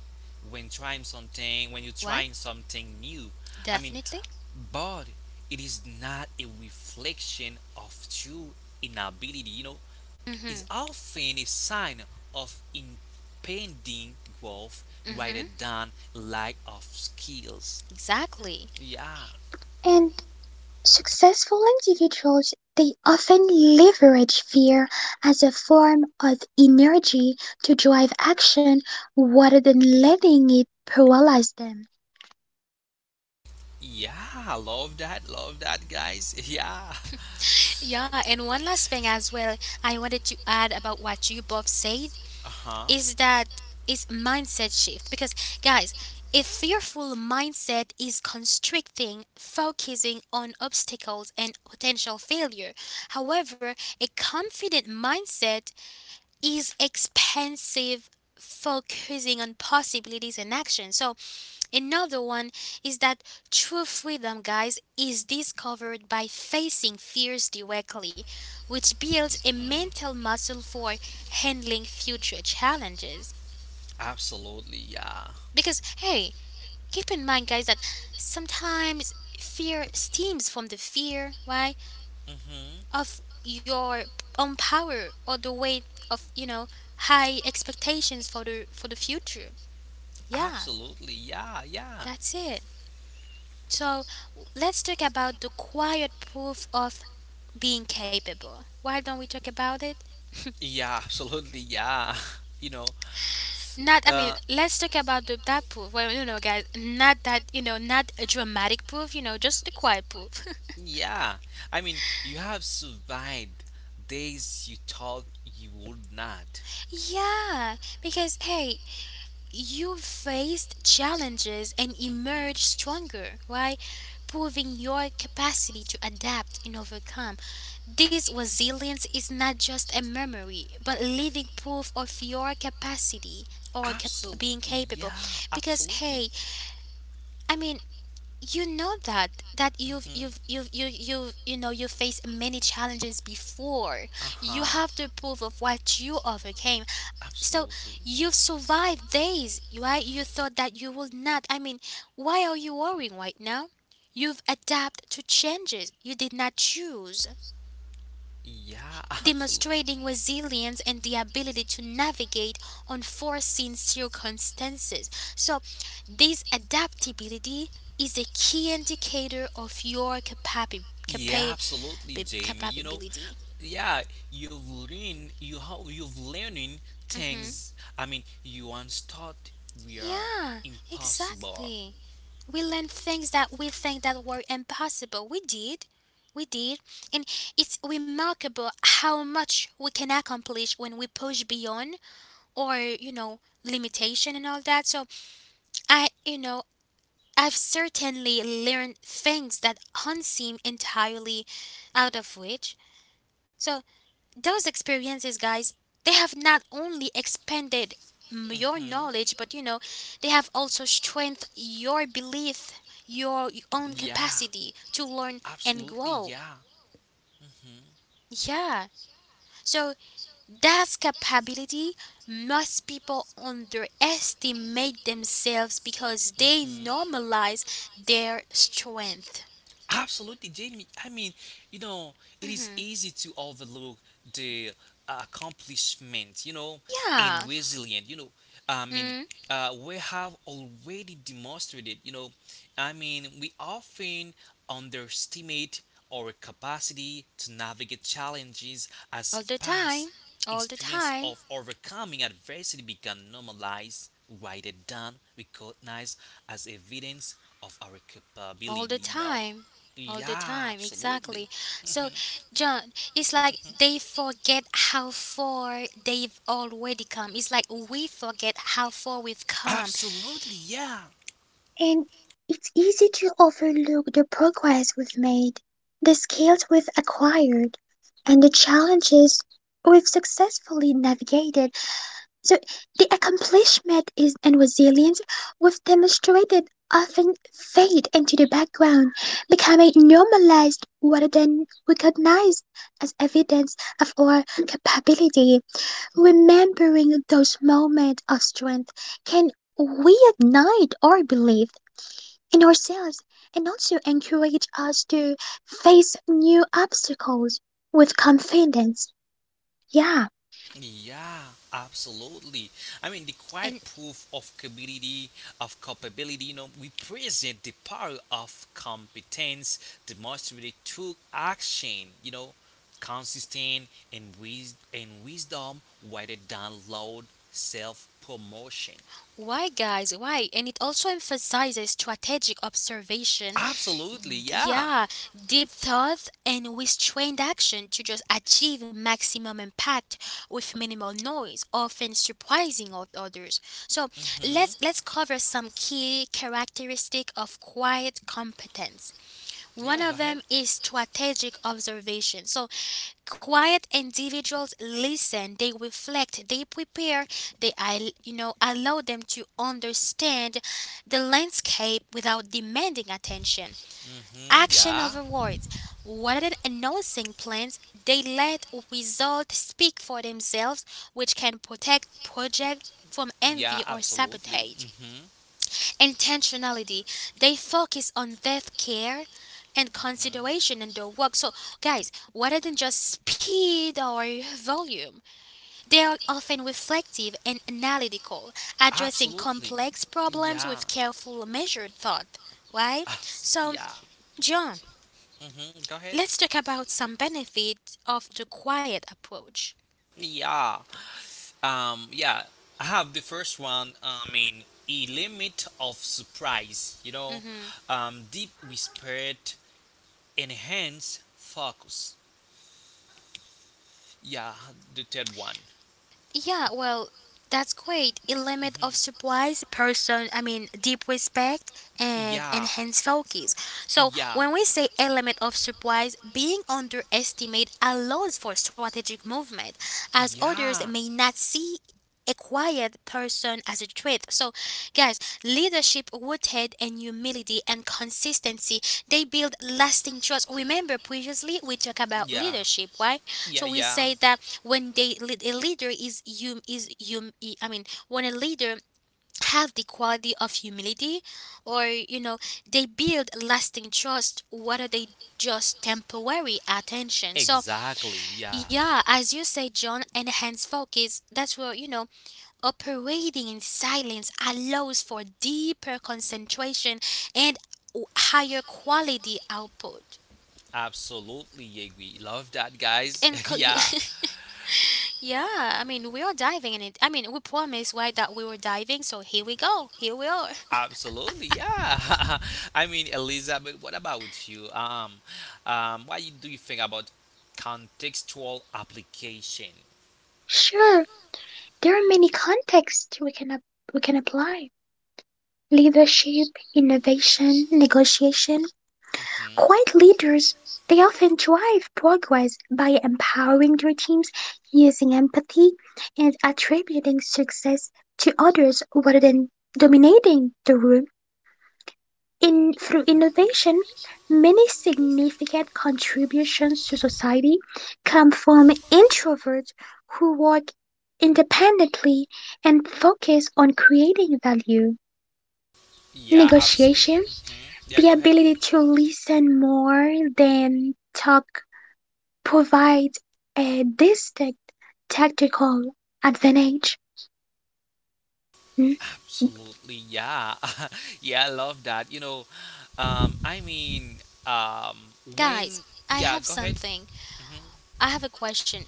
when trying something. When you're why trying something new. I mean, definitely. but it is not a reflection of true inability, you know, Mm-hmm, is often a sign of impending growth mm-hmm, rather than lack of skills. exactly. Yeah, And successful individuals, they often leverage fear as a form of energy to drive action rather than letting it paralyze them. yeah, love that, guys. Yeah, Yeah, and one last thing as well, I wanted to add about what you both said uh huh. is that is mindset shift. Because guys, a fearful mindset is constricting, focusing on obstacles and potential failure. However, a confident mindset is expansive, focusing on possibilities and action. So another one is that true freedom, guys, is discovered by facing fears directly, which builds a hmm mental muscle for handling future challenges. Absolutely, yeah. Because, hey, keep in mind, guys, that sometimes fear stems from the fear, why, hmm of your own power or the weight of, you know, high expectations for the future. Yeah, Absolutely, yeah, yeah. that's it. So let's talk about the quiet proof of being capable. Why don't we talk about it? Yeah, absolutely. Yeah. You know, Not, I mean, uh, let's talk about that proof. Well, you know, guys, not that, you know, not a dramatic proof, you know, just the quiet proof. yeah. I mean, you have survived days you thought you would not. Yeah, because hey, you faced challenges and emerged stronger, right? Proving your capacity to adapt and overcome. This resilience is not just a memory, but living proof of your capacity or Absolutely. being capable. Yeah, Because absolutely. hey, I mean, you know that Mm-hmm. You know you faced many challenges before. You Uh-huh. have the proof of what you overcame. So Absolutely. you've survived days why you thought that you would not. I mean, why are you worrying right now? You've adapted to changes you did not choose, Yeah, absolutely. demonstrating resilience and the ability to navigate unforeseen circumstances. So, this adaptability is a key indicator of your Yeah, absolutely, Jamie. You know, capability. yeah, you've learned you how you've learning Hmm. things. I mean, you once thought we are Yeah, impossible. exactly. We learn things that we think that were impossible. We did. We did. And it's remarkable how much we can accomplish when we push beyond or, you know, limitation and all that. So I, you know, I've certainly learned things that unseem entirely out of reach. So those experiences, guys, they have not only expanded your Hmm. knowledge, but they have also strengthened your belief, your own Yeah, capacity to learn and absolutely. grow. Yeah. Yeah. So that's capability. Most people underestimate themselves because they hmm normalize their strength. Absolutely, Jamie. I mean, you know, it is Hmm. easy to overlook the accomplishment, you know, and yeah, Yeah. resilient, you know. I mean, mm, we have already demonstrated, you know, I mean, we often underestimate our capacity to navigate challenges all as the time, past all the experience time. of overcoming adversity become normalized rather than recognized as evidence of our All the capability, you know. time. All the Yeah, time, absolutely. exactly. So, John, it's like they forget how far they've already come. It's like we forget how far we've come. Absolutely, yeah. And it's easy to overlook the progress we've made, the skills we've acquired, and the challenges we've successfully navigated. So, the accomplishment is, and resilience we've demonstrated often fade into the background, becoming normalized rather than recognized as evidence of our capability. Remembering those moments of strength can reignite our belief in ourselves and also encourage us to face new obstacles with confidence. Yeah, Yeah, absolutely. I mean, the quiet And proof of capability, of culpability, you know, we present the power of competence demonstrated through action, you know, consistent, and wisdom rather than loud self promotion. why, guys? Why? And it also emphasizes strategic observation, Absolutely, yeah. yeah, deep thought and restrained action to just achieve maximum impact with minimal noise, often surprising others. So let's hmm let's cover some key characteristic of quiet competence. One Yeah, of go them ahead. is strategic observation. So quiet individuals listen, they reflect, they prepare, they allow them to understand the landscape without demanding attention. Hmm Action Yeah, over words. Rather than announcing plans, they let results speak for themselves, which can protect projects from envy yeah, or absolutely. sabotage. Hmm hmm Intentionality. They focus on depth, care and consideration in their work. So, guys, rather than just speed or volume, they are often reflective and analytical, addressing Absolutely. complex problems Yeah, with careful, measured thought. Right? So, yeah. John, hmm Go ahead. let's talk about some benefit of the quiet approach. Yeah. Yeah. I have the first one. I mean, a limit of surprise. You know, Hmm. Deep respect, enhance focus. Yeah, the third one. Yeah, well, that's great. A limit of Hmm surprise, person, I mean, deep respect, and Yeah, enhanced focus. So, yeah, when we say a limit of surprise, being underestimated allows for strategic movement, as others yeah, may not see a quiet person as a trait. So, guys, leadership, rooted in humility and consistency, they build lasting trust. Remember, previously we talked about yeah, leadership, right? yeah, So we yeah. say that when they lead, a leader is I mean, when a leader have the quality of humility, or they build lasting trust. What are they? Just temporary attention. So Exactly. Yeah. yeah, as you say, John, enhance focus, that's where, operating in silence allows for deeper concentration and higher quality output. Absolutely, yeah. We love that, guys. And Yeah. yeah, I mean, we are diving in it. I mean, we promised, right, that we were diving, so here we go. Here we are. Absolutely. Yeah. I mean, Elizabeth, what about with you? What you- do you think about contextual application? sure. There are many contexts we can we can apply. Leadership, innovation, negotiation. Hmm Quiet leaders, they often drive progress by empowering their teams using empathy and attributing success to others rather than dominating the room. In through innovation, many significant contributions to society come from introverts who work independently and focus on creating value. Yeah. Absolutely. Negotiation, Hmm Yeah. Go the ahead. ability to listen more than talk, provides a distinct tactical advantage. Mm. Absolutely. Yeah. Yeah. I love that. You know, um, I mean, um, Guys, when. I Yeah. have Go ahead. something. Hmm I have a question.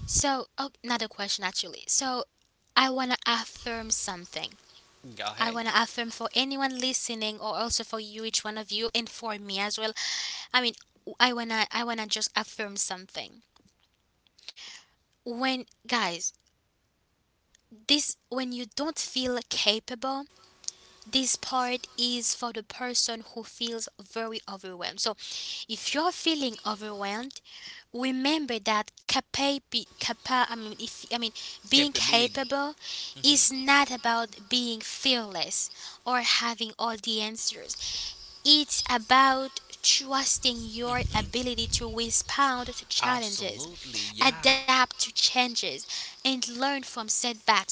So, oh, not a question actually. So, I want to affirm something. Go I ahead. want to affirm for anyone listening or also for you, each one of you, and for me as well. I mean, I wanna just affirm something. When, guys, this, when you don't feel capable, this part is for the person who feels very overwhelmed. So, if you're feeling overwhelmed, remember that I mean, if I mean, being Capability. capable Hmm is not about being fearless or having all the answers. It's about trusting your hmm ability to respond to challenges, Absolutely, yeah, adapt to changes, and learn from setbacks. So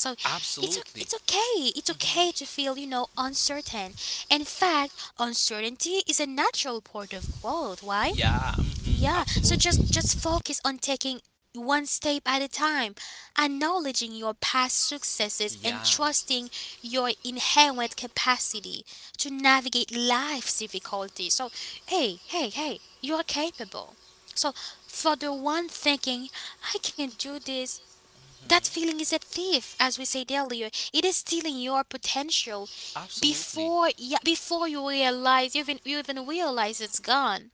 it's absolutely. okay. It's okay Hmm to feel, uncertain. In fact, uncertainty is a natural part of growth. Why? Yeah, hmm Yeah, so absolutely. just focus on taking one step at a time, acknowledging your past successes and Yeah, trusting your inherent capacity to navigate life's difficulties. So, hey, hey, hey, you're capable. So, for the one thinking, I can do this, that mhm, feeling is a thief, as we said earlier. It is stealing your potential absolutely. before, yeah, before you realize, you even realize it's gone.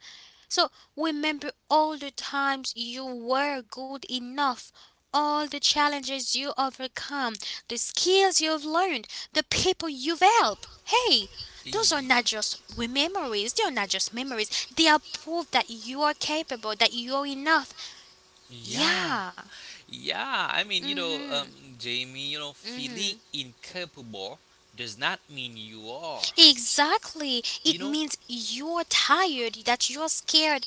So remember all the times you were good enough, all the challenges you overcome, the skills you've learned, the people you've helped. Hey, those are not just E- memories, they are not just memories. They are proof that you are capable, that you are enough. Yeah, Yeah. yeah, I mean, you know, Mhm. Jamie, you know, feeling Mhm. incapable does not mean you are. Exactly. You It know, means you're tired, that you're scared,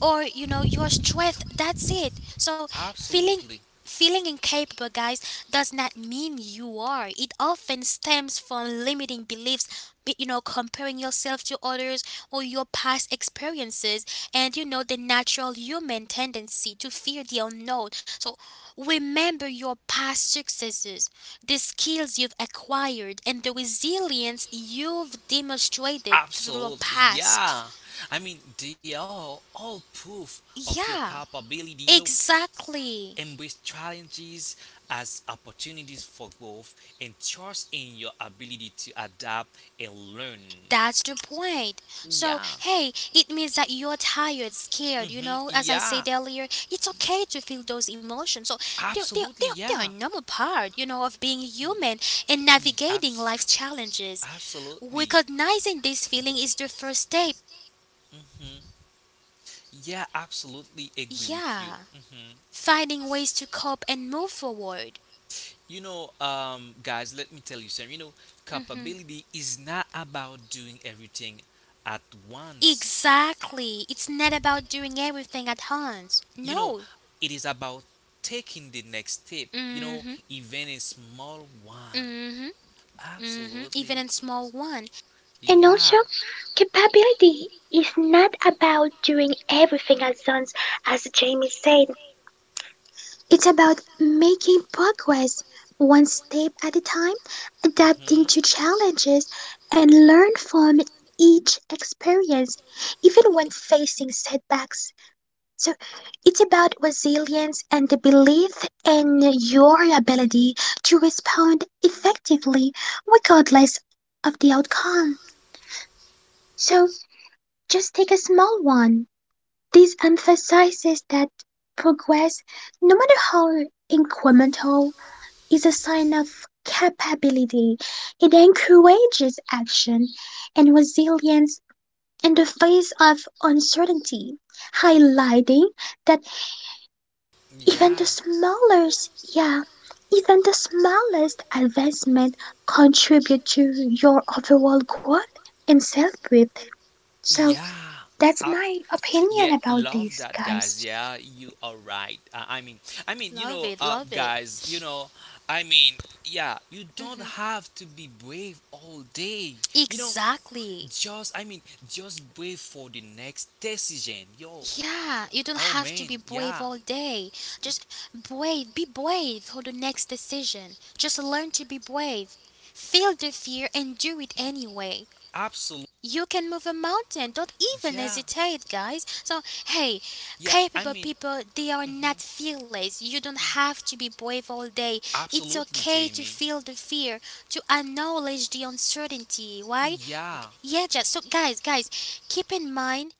or your strength. That's it. So feeling, absolutely, feeling incapable, guys, does not mean you are. It often stems from limiting beliefs, comparing yourself to others or your past experiences, and the natural human tendency to fear the unknown. So remember your past successes, the skills you've acquired and the resilience you've demonstrated through your absolutely, past. yeah. I mean, they are all proof of your Yeah. capability. You know, Exactly. embrace challenges as opportunities for growth and trust in your ability to adapt and learn. That's the point. So, Yeah. hey, it means that you're tired, scared, you hmm know, as I Yeah, said earlier, it's okay to feel those emotions. So, they're, they're, absolutely. they're, they're a Yeah, normal part, you know, of being Y- human and y- navigating abs- life's challenges. absolutely. Recognizing this feeling is the first step. Hmm Yeah, absolutely agree with you. Yeah. Hmm Finding ways to cope and move forward. You know, guys, let me tell you something. You know, capability is not about doing everything at once. Exactly. It's not about doing everything at once. You know, No. it is about taking the next step. You Mm know, hmm. even a small one. Mm hmm. Hmm. Even Absolutely. in small one. And also, Yeah. capability is not about doing everything at once, as Jamie said. It's about making progress one step at a time, adapting Mhm. to challenges, and learn from each experience, even when facing setbacks. So it's about resilience and the belief in your ability to respond effectively regardless of the outcome. So just take a small one. This emphasizes that progress, no matter how incremental is a sign of capability. It encourages action and resilience in the face of uncertainty, highlighting that even the Yeah. smallest, yeah, even the smallest advancement contribute to your overall growth and self-worth. So Yeah. that's I, my opinion yeah, about love this, that, guys. guys. Yeah, you are right. I mean, you Love know, it, love it. guys, you know, I mean, yeah, you don't Hmm. have to be brave all day. You know, Exactly. just, I mean, just brave for the next decision. Yo, Yeah, you don't oh have to man, be brave yeah, all day. Just brave, be brave for the next decision. Just learn to be brave. Feel the fear and do it anyway. absolutely. You can move a mountain. Don't even Yeah, hesitate, guys. So, hey, yeah, I capable mean, people, they are not fearless. You don't have to be brave all day. It's absolutely, okay to Jamie. feel the fear, to acknowledge the uncertainty. Why? Yeah, Yeah, just so, guys, guys, keep in mind,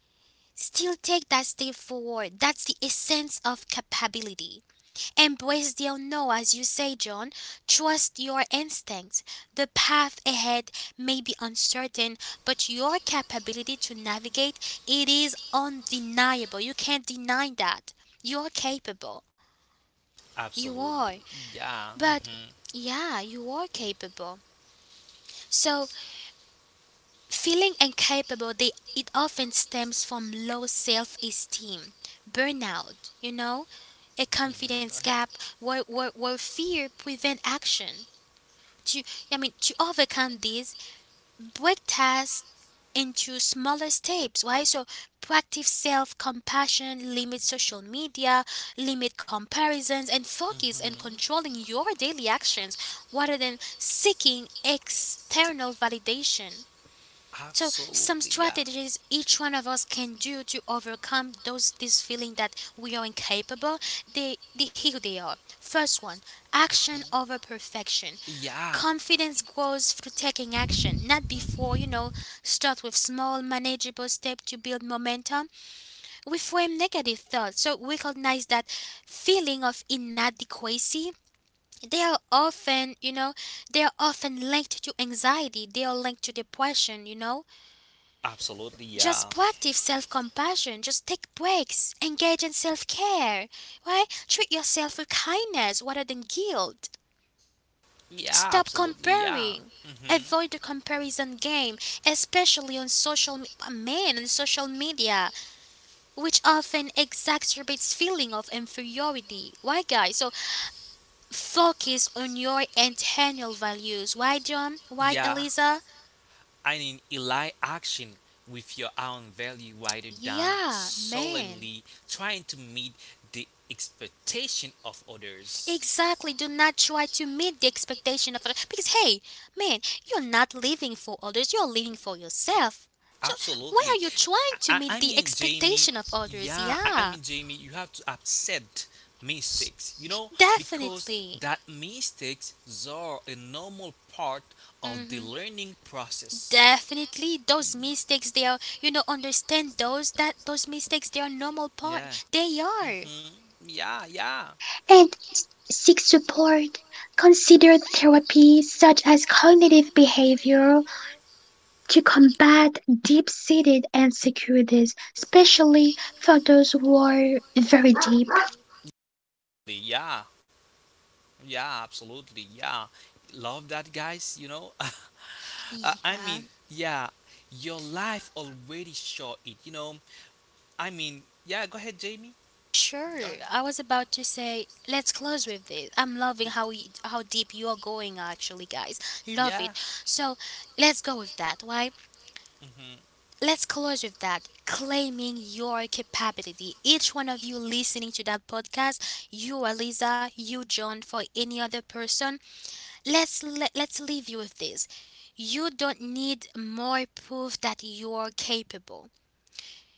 still take that step forward. That's the essence of capability. Embrace the unknown, as you say, John. Trust your instincts. The path ahead may be uncertain, but your capability to navigate it is undeniable. You can't deny that. You're capable. You are. absolutely. Yeah. But mm-hmm. yeah, you are capable. So feeling incapable, they, it often stems from low self esteem, burnout, you know, a confidence gap where fear prevent action. To, I mean, to overcome this, break tasks into smaller steps, right? So practice self compassion, limit social media, limit comparisons, and focus on hmm controlling your daily actions rather than seeking external validation. So some Absolutely, yeah. strategies each one of us can do to overcome those, this feeling that we are incapable. They, here they are. First one, action hmm over perfection. Yeah. Confidence grows through taking action, not before, hmm you know, start with small manageable steps to build momentum. We frame negative thoughts, so recognize that feeling of inadequacy, they are often, you know, they are often linked to anxiety, they are linked to depression, you know, Absolutely, just yeah. proactive self compassion. Just take breaks. Engage in self care. Why? Treat yourself with kindness rather than guilt. Yeah, Stop absolutely, yeah. comparing. hmm Avoid the comparison game, especially on men on social media, which often exacerbates feeling of inferiority. Why, guys? So focus on your internal values. Why, John? Why, Yeah, Eliza? I mean, align action with your own value rather than Yeah, man. solely trying to meet the expectation of others. Exactly. Do not try to meet the expectation of others. Because, hey, man, you're not living for others, you're living for yourself. So, why Absolutely. are you trying to meet I the mean, Jamie, expectation of others? yeah, I mean, Yeah, Jamie, you have to accept mistakes, you know, because definitely. that mistakes are a normal part of the Hmm. learning process. Definitely, those mistakes they are. You know, understand those, that those mistakes they are normal Yeah. part. They are. hmm Yeah, yeah. And seek support. Consider therapy such as cognitive behavioral to combat deep-seated insecurities, especially for those who are very deep. Yeah. Yeah, absolutely. Yeah. Love that, guys. You know, I mean, Yeah. yeah, your life already showed it. You know, I mean, yeah, go ahead, Jamie. Go ahead. Sure. I was about to say, let's close with this. I'm loving Y- how how deep you are going actually, guys. Love Yeah. it. So, let's go with that. Why? hmm Let's close with that. Claiming your capability. Each one of you listening to that podcast, you Aliza, you John, for any other person, let's leave you with this. You don't need more proof that you're capable.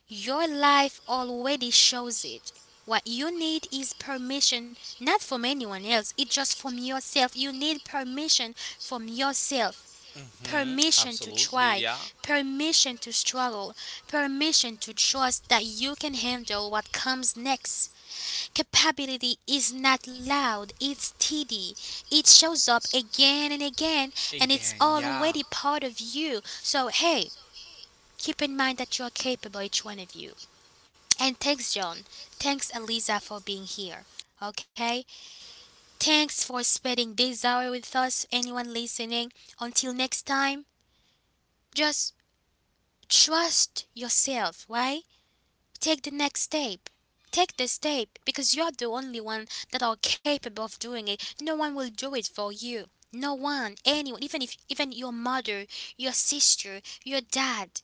Your life already shows it. What you need is permission, not from anyone else, it's just from yourself. You need permission from yourself. Mm-hmm. Permission to Absolutely, yeah. try, permission to struggle, permission to trust that you can handle what comes next. Capability is not loud, it's steady. It shows up again and again, and it's yeah. already part of you. So, hey, keep in mind that you are capable, each one of you. And thanks, John. Thanks, Eliza, for being here. Okay? Thanks for spending this hour with us, anyone listening. Until next time, just trust yourself, right? Take the next step. Take the step because you're the only one that are capable of doing it. No one will do it for you. No one, anyone, even if even your mother, your sister, your dad,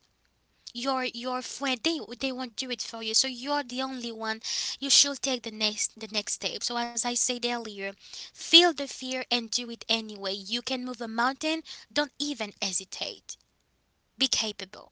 your friend, they won't do it for you. So you're the only one. You should take the next, the next step. So as I said earlier, feel the fear and do it anyway. You can move a mountain. Don't even hesitate. Be capable.